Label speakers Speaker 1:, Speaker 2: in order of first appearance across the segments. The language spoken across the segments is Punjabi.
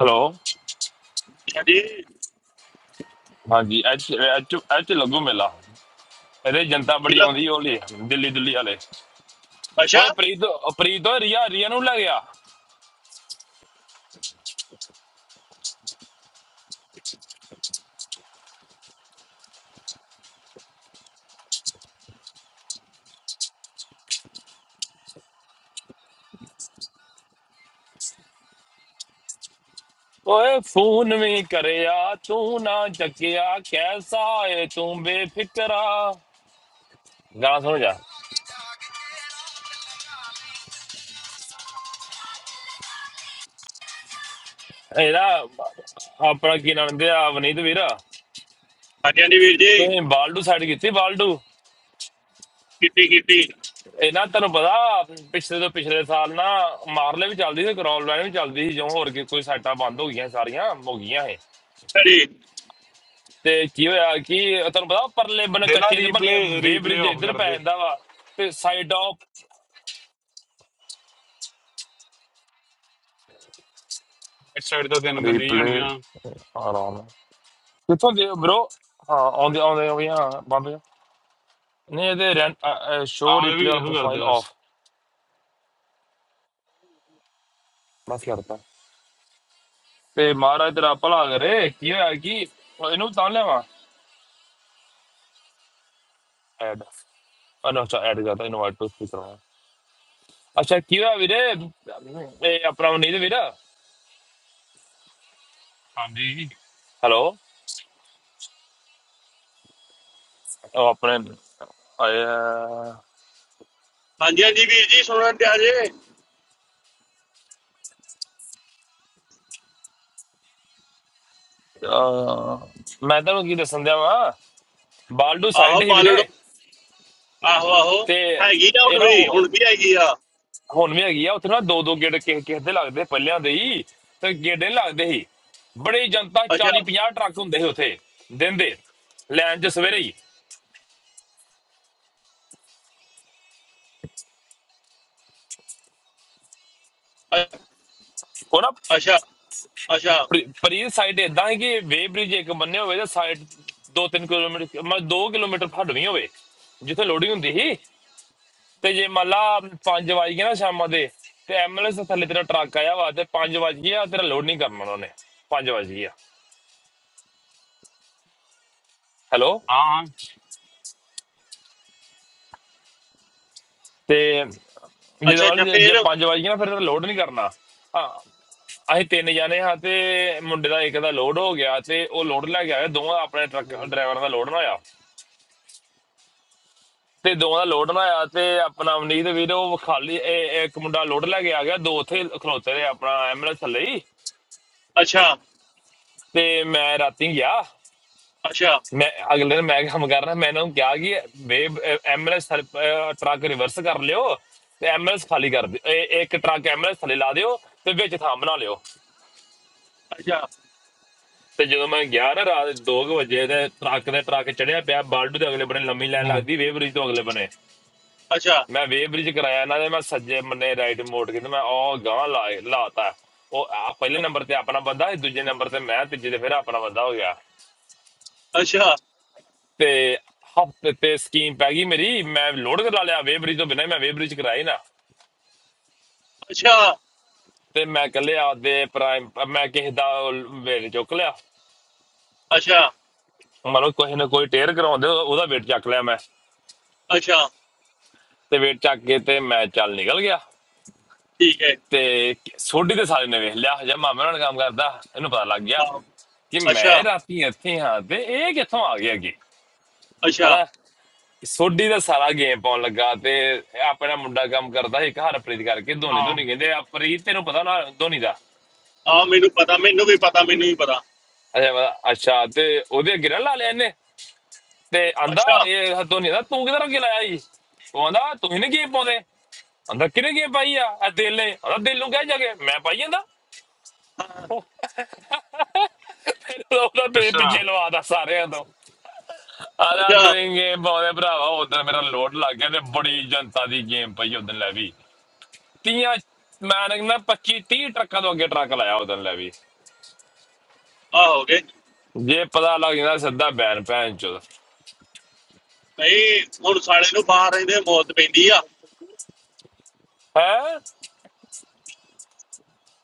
Speaker 1: ਹੈਲੋ
Speaker 2: ਹਾਂਜੀ
Speaker 1: ਹਾਂਜੀ ਅੱਜ ਅੱਜ ਅੱਜ ਤੇ ਲੱਗੂ ਮੇਲਾ ਇਹਦੇ ਜਨਤਾ ਬੜੀ
Speaker 2: ਕਿਲੋ
Speaker 1: ਆਉਂਦੀ ਓਲੇ ਦਿੱਲੀ ਦਿੱਲੀ ਵਾਲੇ
Speaker 2: ਅੱਛਾ
Speaker 1: ਓਏ ਪ੍ਰੀਤ ਪ੍ਰੀਤ ਓਏ ਰੀਆ ਰੀਆ ਨੂੰ ਲੈ ਗਿਆ ਓਏ ਫੋਨ ਵੀ ਕਰਿਆ ਤੂੰ ਨਾ ਚੱਕਿਆ ਕੈਸਾ ਏ ਤੂੰ ਬੇਫਿਕਰਾ ਗਾਣਾ ਸੁਣ ਜਾ ਇਹਦਾ ਆਪਣਾ ਕੀ ਨਾਮ ਦੇ ਆ ਵਨੀਤ ਵੀਰ
Speaker 2: ਹਾਂਜੀ ਹਾਂਜੀ ਵੀਰ ਜੀ
Speaker 1: ਤੁਸੀਂ ਬਾਲਡੂ ਸਾਈਡ ਕੀਤੀ ਬਾਲਡੂ
Speaker 2: ਕੀਤੀ ਕੀਤੀ
Speaker 1: ਇਹ ਨਾ ਤੈਨੂੰ ਪਤਾ ਪਿਛਲੇ ਤੋਂ ਪਿਛਲੇ ਸਾਲ ਨਾ ਮਾਰਲੇ ਵੀ ਚੱਲਦੀ ਸੀ ਕਰੋਲ ਲਾਈਨ ਵੀ ਚੱਲਦੀ ਸੀ ਜਿਉਂ ਹੋਰ ਕੀ ਕੋਈ ਸਾਈਟਾਂ ਬੰਦ ਹੋ ਗਈਆਂ ਸਾਰੀਆਂ ਮੁੱਕ ਗਈਆਂ ਇਹ
Speaker 2: ਘੜੀ
Speaker 1: ਤੇ ਕੀ ਹੋਇਆ ਕਿ ਤੁਹਾਨੂੰ ਪਤਾ ਉਹ ਪਰਲੇ ਬਣ
Speaker 3: ਦੇ ਨਾ
Speaker 1: ਕੱਚੇ ਦੇ ਬਣੇ
Speaker 3: ਰੀਪਲੇ
Speaker 1: ਵੇ
Speaker 3: ਰੀਪਲੇ
Speaker 1: ਬ੍ਰਿਜ
Speaker 3: ਆਫ
Speaker 1: ਇੱਧਰ
Speaker 3: ਕਰ
Speaker 1: ਪੈ
Speaker 3: ਦੇ
Speaker 1: ਜਾਂਦਾ ਵਾ ਤੇ ਸਾਈਡ ਆਫ
Speaker 3: ਇਸ ਸਾਈਡ ਤਾਂ ਤਿੰਨ ਬੰਦੇ ਹੀ
Speaker 1: ਰੀਪਲੇ
Speaker 3: ਹੋਣੀਆਂ
Speaker 1: ਆਰਾਮ ਕਿੱਥੋਂ ਦੇ ਬ్రో ਹਾਂ ਆਉਂਦੇ ਆਉਂਦੇ ਹੋ ਗਿਆ ਬੰਦੇ ਨਹੀਂ ਇਹਦੇ ਰੈਂਟ ਸ਼ੋ
Speaker 3: ਆਹੋ ਇਹ ਵੀ
Speaker 1: ਰੀਪਲੇ ਔਨ
Speaker 3: ਇਹੋ ਕਰਦੇ
Speaker 1: ਪ੍ਰੋਫਾਈਲ
Speaker 3: ਬਸ
Speaker 1: ਆਫ ਬਸ ਕਰਤਾ ਤੇ ਮਹਾਰਾਜ ਤੇਰਾ ਭਲਾ ਕਰੇ ਕੀ ਹੋਇਆ ਕਿ ਇਹਨੂੰ ਤਾਂ ਲੈਵਾ ਐਡ ਅਨੋ ਚਾ ਐਡ ਕਰਤਾ ਇਨਵਾਈਟ ਟੂ ਸਪੀਕਰ ਅੱਛਾ ਕੀ ਹੋਇਆ ਵੀਰੇ ਇਹ ਆਪਣਾ ਨਹੀਂ ਤੇ ਵੀਰਾ
Speaker 3: ਹਾਂਜੀ
Speaker 1: ਹੈਲੋ ਉਹ ਆਪਣੇ ਆਇਆ
Speaker 2: ਹਾਂਜੀ ਹਾਂਜੀ ਵੀਰ ਜੀ ਸੁਣਨ ਤੇ ਆਜੇ
Speaker 1: ਅਹ ਮੈਂ ਤੁਹਾਨੂੰ ਕੀ ਦੱਸਣ ਦਿਆ ਵਾਂ ਬਾਲਡੂ
Speaker 2: ਆਹੋ
Speaker 1: ਸਾਈਡ ਹੀ
Speaker 2: ਬਾਲੜ
Speaker 1: ਵੀਰੇ
Speaker 2: ਆਹੋ ਆਹੋ
Speaker 1: ਤੇ
Speaker 2: ਹੈਗੀ ਆ ਹੁਣ
Speaker 1: ਇਹ ਨਾ
Speaker 2: ਵੀ ਹੁਣ
Speaker 1: ਉਹ-
Speaker 2: ਵੀ ਹੈਗੀ ਆ
Speaker 1: ਹੁਣ ਵੀ ਹੈਗੀ ਆ ਉੱਥੇ ਨਾ ਦੋ ਦੋ ਗੇੜ ਕਿਸੇ ਕਿਸੇ ਦੇ ਲੱਗਦੇ ਪੱਲਿਆਂ ਦੇ ਹੀ ਤੇ ਗੇੜੇ ਲੱਗਦੇ ਸੀ ਬੜੀ ਜਨਤਾ
Speaker 2: ਅੱਛਾ
Speaker 1: 40 50 ਟਰੱਕ ਹੁੰਦੇ ਸੀ ਉੱਥੇ ਦਿਨ ਦੇ ਲੈਣ ਚ ਸਵੇਰੇ ਹੀ
Speaker 2: ਅ-
Speaker 1: ਉਹ ਨਾ
Speaker 2: ਅੱਛਾ ਅੱਛਾ
Speaker 1: ਪਰੀ ਸਾਈਡ ਇਦਾਂ ਹੈ ਕਿ ਵੇ ਬ੍ਰਿਜ ਇੱਕ ਬੰਨੇ ਹੋਵੇ ਤੇ ਸਾਈਡ 2-3 ਕਿਲੋਮੀਟਰ ਮਤਲਬ 2 ਕਿਲੋਮੀਟਰ ਫੜ ਵੀ ਹੋਵੇ ਜਿੱਥੇ ਲੋਡਿੰਗ ਹੁੰਦੀ ਸੀ ਤੇ ਜੇ ਮੱਲਾ 5 ਵਜ ਗਏ ਨਾ ਸ਼ਾਮਾਂ ਦੇ ਤੇ ਐਮਬੂਲੈਂਸ ਥੱਲੇ ਤੇਰਾ ਟਰੱਕ ਆਇਆ ਵਾ ਤੇ 5 ਵਜ ਗਏ ਆ ਤੇਰਾ ਲੋਡ ਨਹੀਂ ਕਰਨਾ ਉਹਨਾਂ ਨੇ 5 ਵਜ ਗਏ ਆ ਹੈਲੋ
Speaker 3: ਹਾਂ ਹਾਂ
Speaker 1: ਤੇ ਜਿਹਦੇ
Speaker 2: ਅੱਛਾ ਅੱਛਾ
Speaker 1: ਵਾਲੀ ਜੇ ਜੇ
Speaker 2: ਫੇਰ
Speaker 1: 5 ਵਜ ਗਏ ਨਾ ਫਿਰ ਤੇਰਾ ਲੋਡ ਨਹੀਂ ਕਰਨਾ ਹਾਂ ਅਸੀਂ ਤਿੰਨ ਜਾਣੇ ਹਾਂ ਤੇ ਮੁੰਡੇ ਦਾ ਇੱਕ ਦਾ ਲੋਡ ਹੋ ਗਿਆ ਤੇ ਉਹ ਲੋਡ ਲੈ ਕੇ ਆਇਆ ਦੋਵਾਂ ਦਾ ਆਪਣੇ ਟਰੱਕ
Speaker 3: ਹਮ,
Speaker 1: ਡਰਾਈਵਰ ਦਾ ਲੋਡ ਨਾ ਆਇਆ ਤੇ ਦੋਵਾਂ ਦਾ ਲੋਡ ਨਾ ਆਇਆ ਤੇ ਆਪਣਾ ਅਮਨੀਤ ਵੀਰ ਉਹ ਖਾਲੀ ਇਹ- ਇੱਕ ਮੁੰਡਾ ਲੋਡ ਲੈ ਕੇ ਆ ਗਿਆ ਦੋ ਉੱਥੇ ਖਲੋਤੇ ਨੇ ਆਪਣਾ ਐਮਬੂਲੈਂਸ ਥੱਲੇ ਹੀ
Speaker 2: ਅੱਛਾ
Speaker 1: ਤੇ ਮੈਂ ਰਾਤੀ ਗਿਆ
Speaker 2: ਅੱਛਾ
Speaker 1: मैं अगले दिन मैं काम कर रहा मैंने उनको क्या कि वे एम्बुलेंस ट्रक रिवर्स कर लियो ਤੇ ਐਮਐਲਐਸ ਖਾਲੀ ਕਰ ਦਿਓ ਇਹ- ਇੱਕ ਟਰੱਕ ਐਮਐਲਐਸ ਥੱਲੇ ਲਾ ਦਿਓ ਤੇ ਵਿੱਚ ਥਾਂ ਬਣਾ ਲਿਓ
Speaker 2: ਅੱਛਾ
Speaker 1: ਤੇ ਜਦੋਂ ਮੈਂ ਗਿਆ ਨਾ ਰਾਤ 2 ਵਜੇ ਤੇ ਟਰੱਕ ਦੇ ਟਰੱਕ ਚੜਿਆ ਪਿਆ ਬਾਲਡੂ ਦੇ ਅਗਲੇ ਬਣੇ ਲੰਮੀ ਲਾਈਨ
Speaker 3: ਹਮ,
Speaker 1: ਲੱਗਦੀ ਵੇ ਬ੍ਰਿਜ ਤੋਂ ਅਗਲੇ ਬਣੇ
Speaker 2: ਅੱਛਾ
Speaker 1: ਮੈਂ ਵੇ ਬ੍ਰਿਜ ਕਰਾਇਆ ਇਹਨਾਂ ਦੇ ਮੈਂ ਸੱਜੇ ਮੰਨੇ ਰਾਈਟ ਮੋੜ ਕੇ ਤੇ ਮੈਂ ਉਹ ਗਾਂ ਲਾ ਲਾਤਾ ਉਹ ਆ ਪਹਿਲੇ ਨੰਬਰ ਤੇ ਆਪਣਾ ਬੰਦਾ ਸੀ, ਦੂਜੇ ਨੰਬਰ ਤੇ ਮੈਂ ਤੀਜੇ ਤੇ ਫਿਰ ਆਪਣਾ ਬੰਦਾ ਹੋ ਗਿਆ
Speaker 2: ਅੱਛਾ
Speaker 1: ਤੇ ਹਫਤੇ ਤੇ ਸਕੀਮ ਪੈ ਗਈ ਮੇਰੀ ਮੈਂ ਲੋਡ ਕਰਾ ਲਿਆ ਵੇਬਰੀ ਤੋਂ ਬਿਨਾਂ ਹੀ ਮੈਂ ਵੇਬਰੀ ਚ ਕਰਾਈ ਨਾ
Speaker 2: ਅੱਛਾ
Speaker 1: ਤੇ ਮੈਂ ਕੱਲੇ ਆਪਦੇ ਪ੍ਰਾਈਮ ਮੈਂ ਕਿਸੇ ਦਾ ਵੇਟ ਚੁੱਕ ਲਿਆ
Speaker 2: ਅੱਛਾ
Speaker 1: ਮੰਨ ਲਓ ਕਿਸੇ ਨੇ ਕੋਈ ਟੇਅਰ ਕਰਾਉਂਦੇ ਉਹਦਾ ਵੇਟ ਚੱਕ ਲਿਆ ਮੈਂ
Speaker 2: ਅੱਛਾ
Speaker 1: ਤੇ ਵੇਟ ਚੱਕ ਕੇ ਤੇ ਮੈਂ ਚੱਲ ਨਿਕਲ ਗਿਆ
Speaker 2: ਠੀਕ ਹੈ
Speaker 1: ਤੇ ਸੋਢੀ ਦੇ ਸਾਰੇ ਨੇ ਵੇਖ ਲਿਆ ਹਜੇ ਮਾਮੇ ਨਾਲ ਕੰਮ ਕਰਦਾ ਇਹਨੂੰ ਪਤਾ ਲੱਗ ਗਿਆ
Speaker 2: ਆਹੋ
Speaker 1: ਕਿ
Speaker 2: ਅੱਛਾ
Speaker 1: ਮੈਂ ਰਾਤੀ ਇੱਥੇ ਹਾਂ ਤੇ ਇਹ ਕਿੱਥੋਂ ਆ ਗਿਆ ਜੀ
Speaker 2: ਅੱਛਾ
Speaker 1: ਹਨਾ ਸੋਢੀ ਦਾ ਸਾਰਾ ਗੇਮ ਪਾਉਣ ਲੱਗਾ ਤੇ ਆਪਣਾ ਮੁੰਡਾ ਕੰਮ ਕਰਦਾ ਸੀ ਇੱਕ ਹਰਪ੍ਰੀਤ ਕਰਕੇ ਧੋਨੀ
Speaker 3: ਹਾਂ
Speaker 1: ਧੋਨੀ ਕਹਿੰਦੇ ਆ ਪ੍ਰੀਤ ਤੈਨੂੰ ਪਤਾ ਨਾ ਧੋਨੀ ਦਾ ਅੱਛਾ
Speaker 2: ਆ ਮੈਨੂੰ ਪਤਾ ਮੈਨੂੰ ਵੀ ਪਤਾ ਮੈਨੂੰ ਵੀ ਪਤਾ
Speaker 1: ਮੈਂ ਕਿਹਾ, ਅੱਛਾ ਤੇ ਉਹਦੇ ਅੱਗੇ ਨਾ ਲਾ ਲਿਆ ਇਹਨੇ ਤੇ ਆਂਦਾ
Speaker 2: ਅੱਛਾ
Speaker 1: ਇਹ ਧੋਨੀ ਦਾ ਤੂੰ ਕਿਧਰ ਅੱਗੇ ਲਾਇਆ ਜੀ ਉਹ ਆਂਦਾ ਤੁਸੀਂ ਨੇ ਗੇਮ ਪਾਉਂਦੇ ਆਂਦਾ ਕਿਹਨੇ ਗੇਮ ਪਾਈ ਆ ਆ ਦਿਲ ਨੇ ਆਂਦਾ ਦਿਲ ਨੂੰ ਕਹਿ ਜਾ ਕੇ ਮੈਂ ਪਾਈ ਜਾਂਦਾ
Speaker 2: ਹਾਂ,
Speaker 1: ਫਿਰ ਉਹਦਾ ਪੇ
Speaker 3: ਅੱਛਾ
Speaker 1: ਪਿੱਛੇ ਲਵਾਦਾ ਸਾਰਿਆਂ ਤੋਂ ਆਂਦਾ
Speaker 2: ਅੱਛਾ
Speaker 1: ਤੁਸੀਂ ਗੇਮ ਪਾਉਂਦੇ ਭਰਾਵਾ ਉਦੋਂ ਮੇਰਾ ਲੋਡ ਲੱਗ ਗਿਆ ਤੇ ਬੜੀ ਜਨਤਾ ਦੀ ਗੇਮ ਪਈ ਉਦੋਂ ਲੈ ਵੀ ਤੀਆਂ ਮੈਂ ਨਾ ਕਹਿੰਦਾ 25 30 ਟਰੱਕਾਂ ਤੋਂ ਅੱਗੇ ਟਰੱਕ ਲਾਇਆ ਉਦੋਂ ਲੈ ਵੀ
Speaker 2: ਆ ਹੋ ਗਏ
Speaker 1: ਜੇ ਪਤਾ ਲੱਗ ਜਾਂਦਾ ਸਿੱਧਾ ਬੈਨ ਭੈਣ ਚੋ
Speaker 2: ਨਹੀਂ ਹੁਣ ਸਾਲੇ ਨੂੰ ਬਾਹਰ ਰਹਿੰਦੇ ਮੌਤ ਪੈਂਦੀ ਆ
Speaker 1: ਹੈ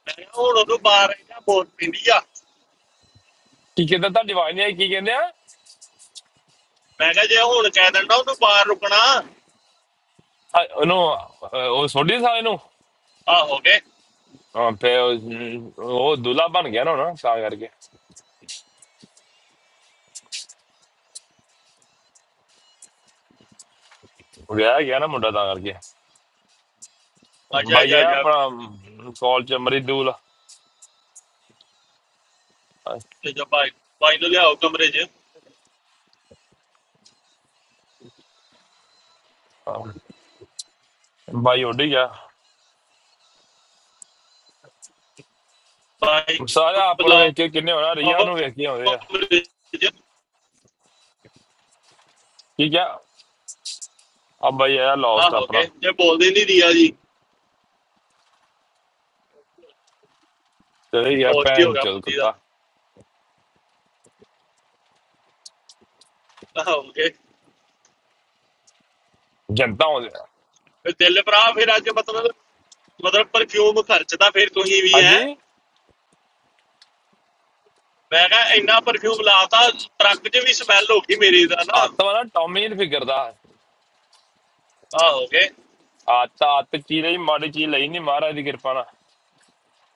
Speaker 2: ਮੈਂ ਕਿਹਾ ਹੁਣ ਉਹਨੂੰ ਬਾਹਰ ਰਹਿੰਦਾ ਮੌਤ ਪੈਂਦੀ ਆ
Speaker 1: ਕੀ ਕਹਿੰਦਾ ਤੁਹਾਡੀ ਆਵਾਜ਼ ਨਹੀਂ ਆਈ ਕੀ ਕਹਿੰਦੇ ਆ
Speaker 2: ਮੈਂ ਕਿਹਾ ਜੇ ਹੁਣ ਕਹਿ ਦਿੰਦਾ ਉਹਨੂੰ ਬਾਹਰ ਰੁਕਣਾ
Speaker 1: ਅ- ਉਹਨੂੰ ਅ, ਉਹ ਸੋਢੀ ਸਾਲੇ ਨੂੰ
Speaker 2: ਆ ਹੋ ਗਏ
Speaker 1: ਹਾਂ, ਤੇ ਉਹ ਉਹ ਦੁਲਾ ਬਣ ਗਿਆ ਨਾ ਹੁਣ ਤਾਂ ਕਰਕੇ ਵਿਆਹ ਗਿਆ ਨਾ ਮੁੰਡਾ ਤਾਂ ਕਰਕੇ
Speaker 2: ਅੱਛਾ
Speaker 1: ਬਾਈ
Speaker 2: ਅੱਛਾ
Speaker 1: ਆ
Speaker 2: ਅੱਛਾ
Speaker 1: ਆਪਣਾ ਕਾਲ ਚ ਮਰੀ ਦੂਲ
Speaker 2: ਤੇ ਜੋ ਭਾਈ ਭਾਈ ਨੂੰ ਲਿਆਓ ਕਮਰੇ 'ਚ
Speaker 1: ਬਾਈ ਉੱਡ ਗਿਆ
Speaker 2: ਭਾਈ
Speaker 1: ਸਾਰੇ
Speaker 2: ਨੂੰ
Speaker 1: ਆਪ ਨੂੰ ਵੇਖ
Speaker 2: ਬੁਲਾਓ
Speaker 1: ਕੇ ਕਿੰਨੇ ਹੋਣਾ ਰੀਆ ਨੂੰ ਵੇਖ ਕੇ ਆਉਂਦੇ ਆ
Speaker 2: ਕਮਰੇ 'ਚ
Speaker 1: ਠੀਕ ਆ ਆ ਬਾਈ ਆ
Speaker 2: ਆ
Speaker 1: ਲੌਸਟ
Speaker 2: ਹੋ ਗਏ
Speaker 1: ਆਪਣਾ
Speaker 2: ਜੇ ਬੋਲਦੇ ਨਹੀਂ ਦੀਆ ਜੀ
Speaker 1: ਚਲੇ ਗਿਆ
Speaker 2: ਲੋਸਟ ਹੀ ਹੋ
Speaker 1: ਭੈਣ
Speaker 2: ਗਿਆ
Speaker 1: ਚੋ
Speaker 2: ਬੁੱਧੀ ਦਾ
Speaker 1: ਕੁੱਤਾ
Speaker 2: ਆ ਹੋ ਗਏ
Speaker 1: ਜਨਤਾ ਹੁੰਦੇ
Speaker 2: ਫਿਰ ਦਿਲ ਭਰਾ ਫਿਰ ਅੱਜ ਮਤਲਬ ਮਤਲਬ ਪਰਫਿਊਮ ਖਰਚਦਾ ਫਿਰ ਤੁਸੀਂ ਵੀ ਐ
Speaker 1: ਹਾਂਜੀ
Speaker 2: ਮੈਂ ਕਿਹਾ ਇੰਨਾ ਪਰਫਿਊਮ ਲਾਤਾ ਟਰੱਕ 'ਚ ਵੀ ਸਮੈਲ ਹੋ ਗਈ ਮੇਰੇ ਦਾ ਨਾ
Speaker 1: ਆਤਮਾ ਨਾ ਟੌਮੀ ਨਹੀਂ ਫਿਕਰਦਾ
Speaker 2: ਆ ਹੋ ਗਏ
Speaker 1: ਆਤ ਆਤ ਚੀਜ਼ ਲਈ ਮਾੜੀ ਚੀਜ਼ ਲਈ ਨਹੀਂ ਮਹਾਰਾਜ ਦੀ ਕਿਰਪਾ ਨਾਲ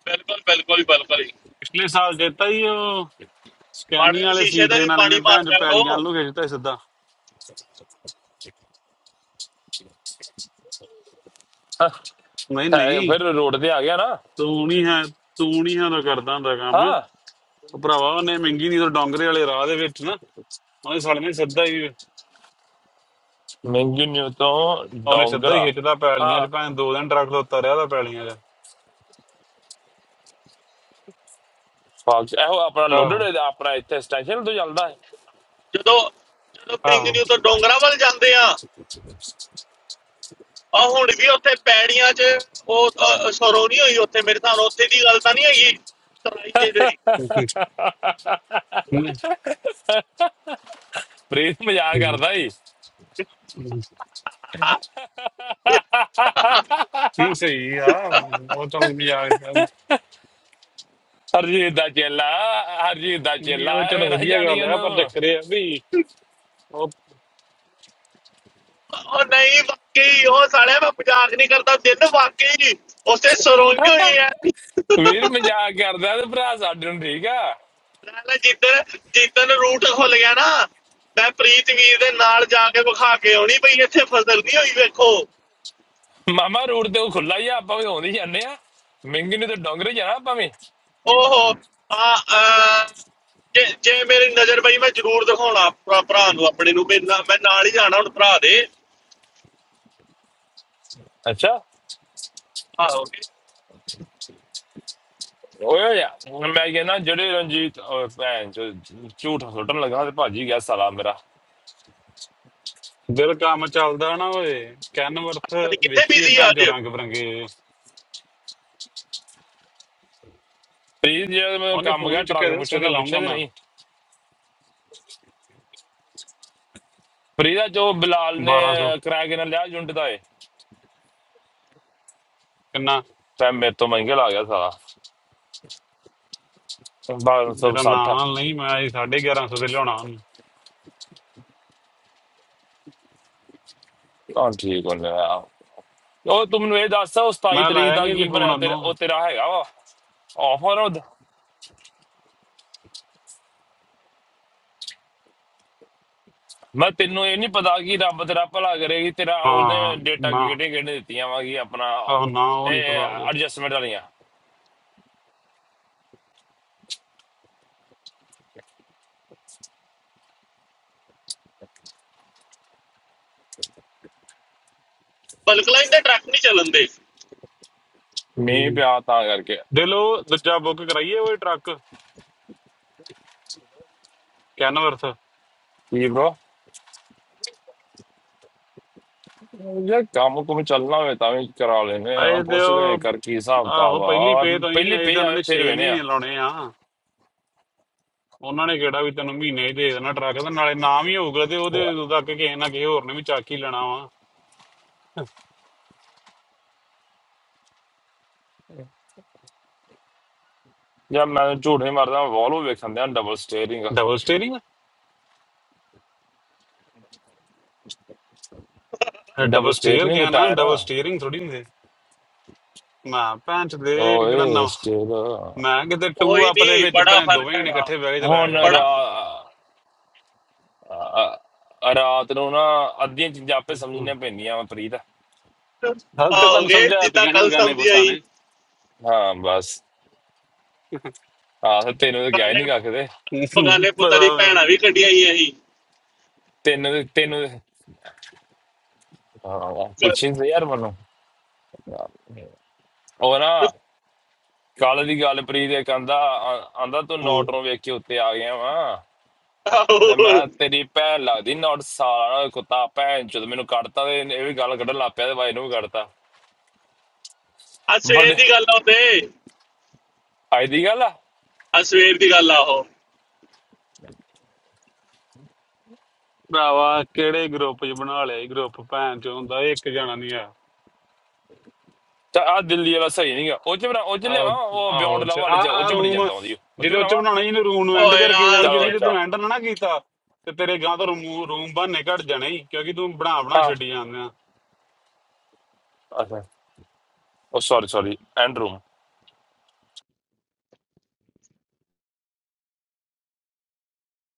Speaker 2: ਬਿਲਕੁਲ ਬਿਲਕੁਲ ਬਿਲਕੁਲ ਜੀ।
Speaker 3: ਪਿਛਲੇ ਸਾਲ ਜਿੱਤਾ ਹੀ ਉਹ
Speaker 2: ਮਾੜਾ
Speaker 3: ਸਕੈਨੀ
Speaker 2: ਜਿਹਾ
Speaker 3: ਵਾਲੇ
Speaker 2: ਸ਼ੀਸ਼ੇ
Speaker 3: ਸੀ
Speaker 2: ਤੇ ਵੀ
Speaker 3: ਟ੍ਰੇਨ ਵਾਲੇ
Speaker 2: ਪਾਣੀ
Speaker 3: ਨੇ
Speaker 2: ਮਾਰ
Speaker 3: ਭੈਣ ਚ
Speaker 2: ਲਿਆ
Speaker 3: ਪੈਲੀਆਂ
Speaker 2: ਕਰੋ
Speaker 3: ਵੱਲ ਨੂੰ ਖਿੱਚਤਾ ਸੀ ਸਿੱਧਾ
Speaker 1: ਹਾਂ,
Speaker 3: ਨਹੀਂ
Speaker 1: ਹੈ,
Speaker 3: ਨਹੀਂ
Speaker 1: ਫਿਰ ਰੋਡ ਤੇ ਆ ਗਿਆ ਨਾ
Speaker 3: ਤੂੰ ਨਹੀਂ ਹੈ ਤੂੰ ਨਹੀਂ ਹੈ ਤਾਂ ਕਰਦਾ ਹੁੰਦਾ ਕੰਮ
Speaker 1: ਹਾਂ
Speaker 3: ਉਹ ਭਰਾਵਾ ਉਹਨੇ ਮਹਿੰਗੀ ਨਹੀਂ ਤੋਂ ਡੋਂਗਰੇ ਵਾਲੇ ਰਾਹ ਦੇ ਵਿੱਚ ਨਾ ਉਹਨੇ ਸਾਲੇ ਨੇ ਸਿੱਧਾ ਹੀ
Speaker 1: ਮਹਿੰਗੀ ਨਿਊ ਤੋਂ
Speaker 3: ਉਹਨੇ ਸਿੱਧਾ ਹੀ
Speaker 1: ਡੋਂਗਰਾ
Speaker 3: ਖਿੱਚਦਾ ਪੈਲੀਆਂ
Speaker 1: ਹਾਂ
Speaker 3: ਚ ਭੈਣ ਦੋ ਦਿਨ ਟਰੱਕ ਤੋਂ ਉਤਰਿਆ ਤਾਂ ਪੈਲੀਆਂ ਚ
Speaker 1: ਫਾਕਸ ਇਹੋ ਆਪਣਾ ਲੋਡਡ
Speaker 3: ਆਹੋ
Speaker 1: ਹੈ, ਆਪਣਾ ਇੱਥੇ ਸਟੇਸ਼ਨ ਤੋਂ ਚੱਲਦਾ ਹੈ
Speaker 2: ਜਦੋਂ ਜਦੋਂ ਪਿੰਗ ਨੂੰ ਤੋਂ ਡੋਂਗਰਾ ਵੱਲ ਜਾਂਦੇ ਆ ਆ ਹੁਣ ਵੀ ਉੱਥੇ ਪੈੜੀਆਂ 'ਚ ਉਹ ਅ, ਸਰੋ ਨਹੀਂ ਹੋਈ ਉੱਥੇ ਮੇਰੇ ਸਾਹਮਣੇ ਉੱਥੇ ਦੀ ਗੱਲ ਤਾਂ ਨਹੀਂ ਹੈਗੀ ਤਰਾਈ ਦੇ ਦੇ
Speaker 1: ਪ੍ਰੀਤ ਮਜ਼ਾਕ ਕਰਦਾ ਈ
Speaker 3: ਆਹੋ ਨਹੀਂ ਸਹੀ ਆ ਉਹ ਚਲ ਮਜ਼ਾਕ ਤਾਂ-
Speaker 1: ਹਰਜੀਤ ਦਾ ਚੇਲਾ ਹਰਜੀਤ ਦਾ
Speaker 3: ਨਹੀਂ
Speaker 1: ਚੇਲਾ
Speaker 3: ਉਹ ਚਲ
Speaker 1: ਐਵੇਂ ਨਾ
Speaker 3: ਵਧੀਆ
Speaker 1: ਜਾਣੀ
Speaker 3: ਗੱਲ ਆ ਪਰ
Speaker 1: ਉਹਨੂੰ
Speaker 3: ਚੱਕਰ ਇਹ ਆ ਵੀ ਉਹ
Speaker 2: ਉਹ ਨਹੀਂ ਵਾਕਈ ਉਹ ਸਾਲਿਆ ਮੈਂ ਮਜ਼ਾਕ ਨਹੀਂ ਕਰਦਾ ਦਿਨ ਵਾਕਈ ਉੱਥੇ ਸਰੋ ਨਹੀਂ ਹੋਈ ਐ
Speaker 1: ਵੀਰ ਮਜ਼ਾਕ ਕਰਦਾ ਤੇ ਭਰਾ ਸਾਡੇ ਨੂੰ ਠੀਕ ਆ
Speaker 2: ਲੈ ਲੈ ਜਿੱਦਣ ਜਿੱਦਣ ਰੂਟ ਖੁੱਲ ਗਿਆ ਨਾ ਮੈਂ ਪ੍ਰੀਤ ਵੀਰ ਦੇ ਨਾਲ ਜਾ ਕੇ ਵਿਖਾ ਕੇ ਆਉਣੀ ਬਈ ਇੱਥੇ ਫਸਲ ਨਹੀਂ ਹੋਈ ਵੇਖੋ
Speaker 1: ਮਾਮਾ ਰੋਡ ਤੇ ਉਹ ਖੁੱਲਾ ਹੀ ਆ ਆਪਾਂ ਵੀ ਆਉਂਦੇ ਜਾਂਦੇ ਆ ਮਿੰਗੀ ਨੂੰ ਤੇ ਡੋਂਗਰੇ ਜਾਣਾ ਆਪਾਂ ਵੀ
Speaker 2: ਓਹੋ ਆ ਅਹ, ਜੇ ਜੇ ਮੇਰੀ ਨਜ਼ਰ ਪਈ ਮੈਂ ਜ਼ਰੂਰ ਦਿਖਾਉਣਾ ਭਰਾ ਭਰਾ ਨੂੰ ਆਪਣੇ ਨੂੰ ਵੀ ਨਾ- ਮੈਂ ਨਾਲ ਹੀ ਜਾਣਾ ਹੁਣ ਭਰਾ ਦੇ
Speaker 1: ਅੱਛਾ
Speaker 2: ਆਹੋ ਕਿ
Speaker 1: ਓਏ ਹੋਇਆ ਮੈਂ ਕਹਿੰਦਾ ਜਿਹੜੇ ਰਣਜੀਤ ਓਏ ਭੈਣ ਚੋ, ਝੂਠ ਸੁੱਟਣ ਲੱਗਾ ਤੇ ਭਾਜੀ ਗਿਆ ਸਾਲਾ ਮੇਰਾ
Speaker 3: ਦਿਲ ਕੰਮ ਚੱਲਦਾ ਨਾ ਓਏ ਕੈਨਵਰਥ
Speaker 2: ਪਤਾ ਨੀ ਕਿੱਥੇ
Speaker 3: ਵੇਖੀਏ
Speaker 2: ਬਿਜ਼ੀ
Speaker 3: ਭੈਣ
Speaker 2: ਅੱਜ
Speaker 3: ਚੋ ਰੰਗ ਬਰੰਗੇ
Speaker 1: ਪ੍ਰੀਤ ਜੇ ਮੈਨੂੰ
Speaker 3: ਉਹਨੇ
Speaker 1: ਕੰਮ
Speaker 3: ਫੋਨ
Speaker 1: ਗਿਆ
Speaker 3: ਹੀ ਚੁੱਕਿਆ
Speaker 1: ਟਰੱਕ
Speaker 3: ਦਿਲ
Speaker 1: ਪੁੱਛਣ
Speaker 3: ਸਵੇਰੇ
Speaker 1: ਦਾ
Speaker 3: ਲਾਉਂਗਾ
Speaker 1: ਪੁੱਛਿਆ ਤੇ
Speaker 3: ਮੈਂ
Speaker 1: ਨਹੀਂ ਪ੍ਰੀਤ ਦਾ ਜੋ ਬਿਲਾਲ ਨੇ
Speaker 3: 1200
Speaker 1: ਕਿਰਾਏ ਕਿੰਨਾ ਲਿਆ ਯੂਨਿਟ ਦਾ ਏ
Speaker 3: ਕਿੰਨਾ
Speaker 1: ਤਾਂ ਮੇਰੇ ਤੋਂ ਮਹਿੰਗੇ ਲਾ ਗਿਆ ਸਾਲਾ
Speaker 3: ਮੇਰਾ ਨਾਂ
Speaker 1: 1260
Speaker 3: ਨਹੀਂ ਮੈਂ ਇਹ 1150 ਤੇ ਲਿਆਉਣਾ ਉਹਨੂੰ
Speaker 1: ਹਾਂ ਠੀਕ ਹੋ ਗਿਆ ਉਹ ਤੂੰ ਮੈਨੂੰ ਇਹ ਦੱਸ ਉਹ 27
Speaker 3: ਮੈਂ
Speaker 1: ਤਰੀਕ
Speaker 3: ਲਾਇਆ
Speaker 1: ਦਾ
Speaker 3: ਨਹੀਂ ਜੀ
Speaker 1: ਕੀ
Speaker 3: ਫੋਨ
Speaker 1: ਬਣਿਆ ਤੇਰਾ
Speaker 3: ਉਹਨੂੰ
Speaker 1: ਉਹ ਤੇਰਾ ਹੈਗਾ ਵਾ ਆਫਰ ਉਹਦਾ ਮੈਂ ਤੈਨੂੰ ਇਹ ਨਹੀਂ ਪਤਾ ਕਿ ਰੱਬ ਤੇਰਾ ਭਲਾ ਕਰੇਗੀ ਤੇਰਾ ਉਹਨੇ
Speaker 3: ਹਾਂ
Speaker 1: ਡੇਟਾ
Speaker 3: ਨਾ
Speaker 1: ਕਿਹੜੇ ਕਿਹੜੇ ਦਿੱਤੀਆਂ ਵਾ ਕਿ ਆਪਣਾ
Speaker 3: ਆਹ ਨਾ ਉਹ ਨਹੀਂ
Speaker 1: ਇਹ
Speaker 3: ਪਤਾ ਜੀ
Speaker 1: ਐਡਜਸਟਮੈਂਟ ਵਾਲੀਆਂ
Speaker 2: ਬਲਕ ਲਾਈਨ ਦੇ ਟਰੱਕ ਨਹੀਂ ਚੱਲਣ ਦੇ
Speaker 1: ਮੀਂਹ
Speaker 3: ਹਮ।
Speaker 1: ਪਿਆ ਤਾਂ ਕਰਕੇ
Speaker 3: ਦਿਲੋ ਦੂਜਾ ਬੁੱਕ ਕਰਾਈਏ ਉਹ ਟਰੱਕ ਕੈਨਵਰਥ
Speaker 1: ਕੀ ਬ్రో ਜੇ ਕੰਮ ਕੁਮ ਚੱਲਣਾ ਹੋਵੇ ਤਾਂ ਵੀ ਕਰਾ ਲੈਨੇ ਆ
Speaker 3: ਆਏ ਤੇ
Speaker 1: ਪੁੱਛਦੇ ਆ
Speaker 3: ਉਹ
Speaker 1: ਕਰ ਕੀ ਹਿਸਾਬ
Speaker 3: ਆਹੋ
Speaker 1: ਤਾਬ
Speaker 3: ਪਹਿਲੀ
Speaker 1: ਆ
Speaker 3: ਪੇ ਤੋਂ ਹੀ
Speaker 1: ਪਹਿਲੀ
Speaker 3: ਅਜੇ
Speaker 1: ਪੇ
Speaker 3: ਤਾਂ ਉਹਨਾਂ
Speaker 1: ਆਵੇ
Speaker 3: ਨੇ
Speaker 1: ਫਿਰ
Speaker 3: 6
Speaker 1: ਵੇਨੇ ਆ
Speaker 3: ਮਹੀਨੇ ਲਾਉਣੇ ਆ ਉਹਨਾਂ ਨੇ ਕਿਹੜਾ ਵੀ ਤੈਨੂੰ ਮਹੀਨੇ ਹੀ ਦੇ ਦੇਣਾ ਟਰੱਕ ਦਾ ਨਾਲੇ ਨਾਮ ਹੀ ਹੋਊਗਾ ਤੇ ਉਹਦੇ ਉਦੋਂ ਤੱਕ ਕਿਸੇ ਨਾ ਕਿਸੇ ਹੋਰ ਨੇ ਵੀ ਚੱਕ ਹੀ ਲੈਣਾ ਵਾ
Speaker 1: ਜਾਂ ਮੈਂ ਝੂਠ ਨਹੀਂ ਮਾਰਦਾ ਵਾਲਵੋ ਵੇਖਣ ਦਿਆਂ double steering
Speaker 3: double steering
Speaker 1: double
Speaker 3: double
Speaker 1: steer
Speaker 3: steer
Speaker 1: ਨਹੀਂ ਹੁੰਦਾ
Speaker 3: ਗਿਆ ਨਾ
Speaker 1: ਟਾਇਰ
Speaker 3: ਡਬਲ ਸਟੀਅਰਿੰਗ ਥੋੜੀ ਹੁੰਦੀ ਮੈਂ ਭੈਣ ਚ ਦੇ ਕਿਹੜਾ
Speaker 1: ਓਏ
Speaker 3: ਨਾ
Speaker 1: ਸਟੇਅਰ
Speaker 3: ਮੈਂ ਕਿਤੇ ਟੂ
Speaker 2: ਕੋਈ
Speaker 3: ਅਪ ਦੇ
Speaker 2: ਨਹੀਂ
Speaker 3: ਵਿੱਚ
Speaker 2: ਬੜਾ
Speaker 3: ਭੈਣ
Speaker 2: ਫਰਕ
Speaker 3: ਦੋਵੇਂ ਜਣੇ
Speaker 2: ਹੈਗਾ
Speaker 3: ਇਕੱਠੇ ਬਹਿ ਕੇ ਚਲਾਇਆ
Speaker 1: ਹੁਣ
Speaker 3: ਕਰਨਗੇ
Speaker 2: ਬੜਾ
Speaker 1: ਰਾ- ਅ- ਅ- ਰਾਤ ਨੂੰ ਨਾ ਅੱਧੀਆਂ ਚੀਜ਼ਾਂ ਆਪੇ ਸਮਝਣੀਆਂ ਪੈਂਦੀਆਂ ਵਾ ਪ੍ਰੀਤ
Speaker 3: ਹਲ ਤੇ ਤੁਹਾਨੂੰ
Speaker 2: ਆਓਗੇ ਜਿੱਦਾਂ
Speaker 3: ਸਮਝਾਤੀਆਂ ਸੀ
Speaker 2: ਕੱਲ
Speaker 3: ਬਗਾਨੇ
Speaker 2: ਸਮਝੀ
Speaker 3: ਪੁੱਤਾਂ
Speaker 2: ਆਈ
Speaker 3: ਨੇ
Speaker 1: ਹਾਂ ਬਸ ਆਹ ਤੈਨੂੰ ਤਾਂ ਗਿਆ ਹੀ
Speaker 2: ਕਾਨੇ
Speaker 1: ਨਹੀਂ ਕੱਖਦੇ
Speaker 2: ਬਗਾਨੇ ਪੁੱਤਾਂ
Speaker 3: ਪਤਾ
Speaker 2: ਦੀ ਭੈਣਾਂ ਵੀ ਕੱਢੀਆਂ ਹੀ ਅਸੀਂ
Speaker 1: ਤੈਨੂੰ ਤੇ- ਤੈਨੂੰ ਤੇ- ਹਾਂ ਪੁੱਛੀ ਨਹੀਂ ਯਾਰ ਮੈਨੂੰ ਉਹ ਨਾ ਕੱਲ ਦੀ ਗੱਲ ਪ੍ਰੀਤ ਇਹ ਕਹਿੰਦਾ ਆਂਦਾ ਤੂੰ
Speaker 3: ਹੂੰ।
Speaker 1: ਨੋਟਰੋਂ ਵੇਖ ਕੇ ਉੱਤੇ ਆ ਗਿਆ ਵਾ
Speaker 2: ਆਹੋ
Speaker 1: ਤੇ ਮੈਂ ਕਿਹਾ, ਤੇਰੀ ਭੈਣ ਲੱਗਦੀ ਨੋਟ ਸਾਲਾ ਕੁੱਤਾ ਭੈਣ ਚੋਦ ਮੈਨੂੰ ਕੱਢਤਾ ਤੇ ਇਹ ਵੀ ਗੱਲ ਕੱਢਣ ਲੱਗ ਪਿਆ ਤੇ ਬਾਈ ਨੂੰ ਵੀ ਕੱਢਤਾ
Speaker 2: ਆ ਸਵੇਰ
Speaker 1: ਬੜੇ
Speaker 2: ਦੀ ਗੱਲ ਆ ਉਹ ਤੇ
Speaker 1: ਅੱਜ ਦੀ ਗੱਲ ਆ
Speaker 2: ਆ ਸਵੇਰ ਦੀ ਗੱਲ ਆ ਉਹ
Speaker 3: ਭਰਾਵਾ ਕਿਹੜੇ ਗਰੁੱਪ 'ਚ ਬਣਾ ਲਿਆ ਇਹ ਗਰੁੱਪ ਭੈਣ ਚ ਹੁੰਦਾ ਇੱਕ ਜਾਣਾ ਨਹੀਂ ਆ
Speaker 1: ਤਾਂ ਆ ਦਿੱਲੀ ਵਾਲਾ ਸਹੀ ਨਹੀਂਗਾ ਉਹ ਚ ਬਣਾ ਉਹ ਚ
Speaker 3: ਆਓ
Speaker 1: ਲਿਆਵਾਂ ਉਹ
Speaker 3: ਆ
Speaker 1: ਬਿਉਂਡ ਲਵ ਵਾਲੇ ਚ ਉਹ
Speaker 3: ਆ
Speaker 1: ਚ ਬੜੀ
Speaker 3: ਰੂਮ
Speaker 1: ਜਨਤਾ ਆਉਂਦੀ ਓ। ਉਹ ਚ
Speaker 3: ਜਿਹਦੇ ਉੱਚ
Speaker 1: ਬਣਾਵਾ
Speaker 3: ਬਣਾਉਣਾ ਜੀ ਇਹਨੂੰ ਰੂਮ ਨੂੰ
Speaker 2: ਓ
Speaker 3: ਐਂਡ ਕਰਕੇ
Speaker 2: ਯਾਰ
Speaker 3: ਜਾਈ
Speaker 1: ਚਲੋ
Speaker 3: ਕਿਉਂਕਿ ਜੇ
Speaker 2: ਦਿਲ
Speaker 1: ਅੱਛਾ
Speaker 3: ਤੂੰ ਐਂਡ ਨਾ ਨਾ ਕੀਤਾ ਤੇ ਤੇਰੇ ਗਾਂ ਤੋਂ ਰੂਮ ਰੂਮ ਬਾਹਰ ਨਿਕਲ ਜਾਣਾ ਹੀ ਕਿਉਂਕਿ ਤੂੰ ਬਣਾ ਬਣਾ
Speaker 1: ਹਾਂ
Speaker 3: ਛੱਡੀ ਜਾਂਦੇ ਆ
Speaker 1: ਅੱਛਾ ਉਹ ਸੌਰੀ ਸੌਰੀ ਐਂਡ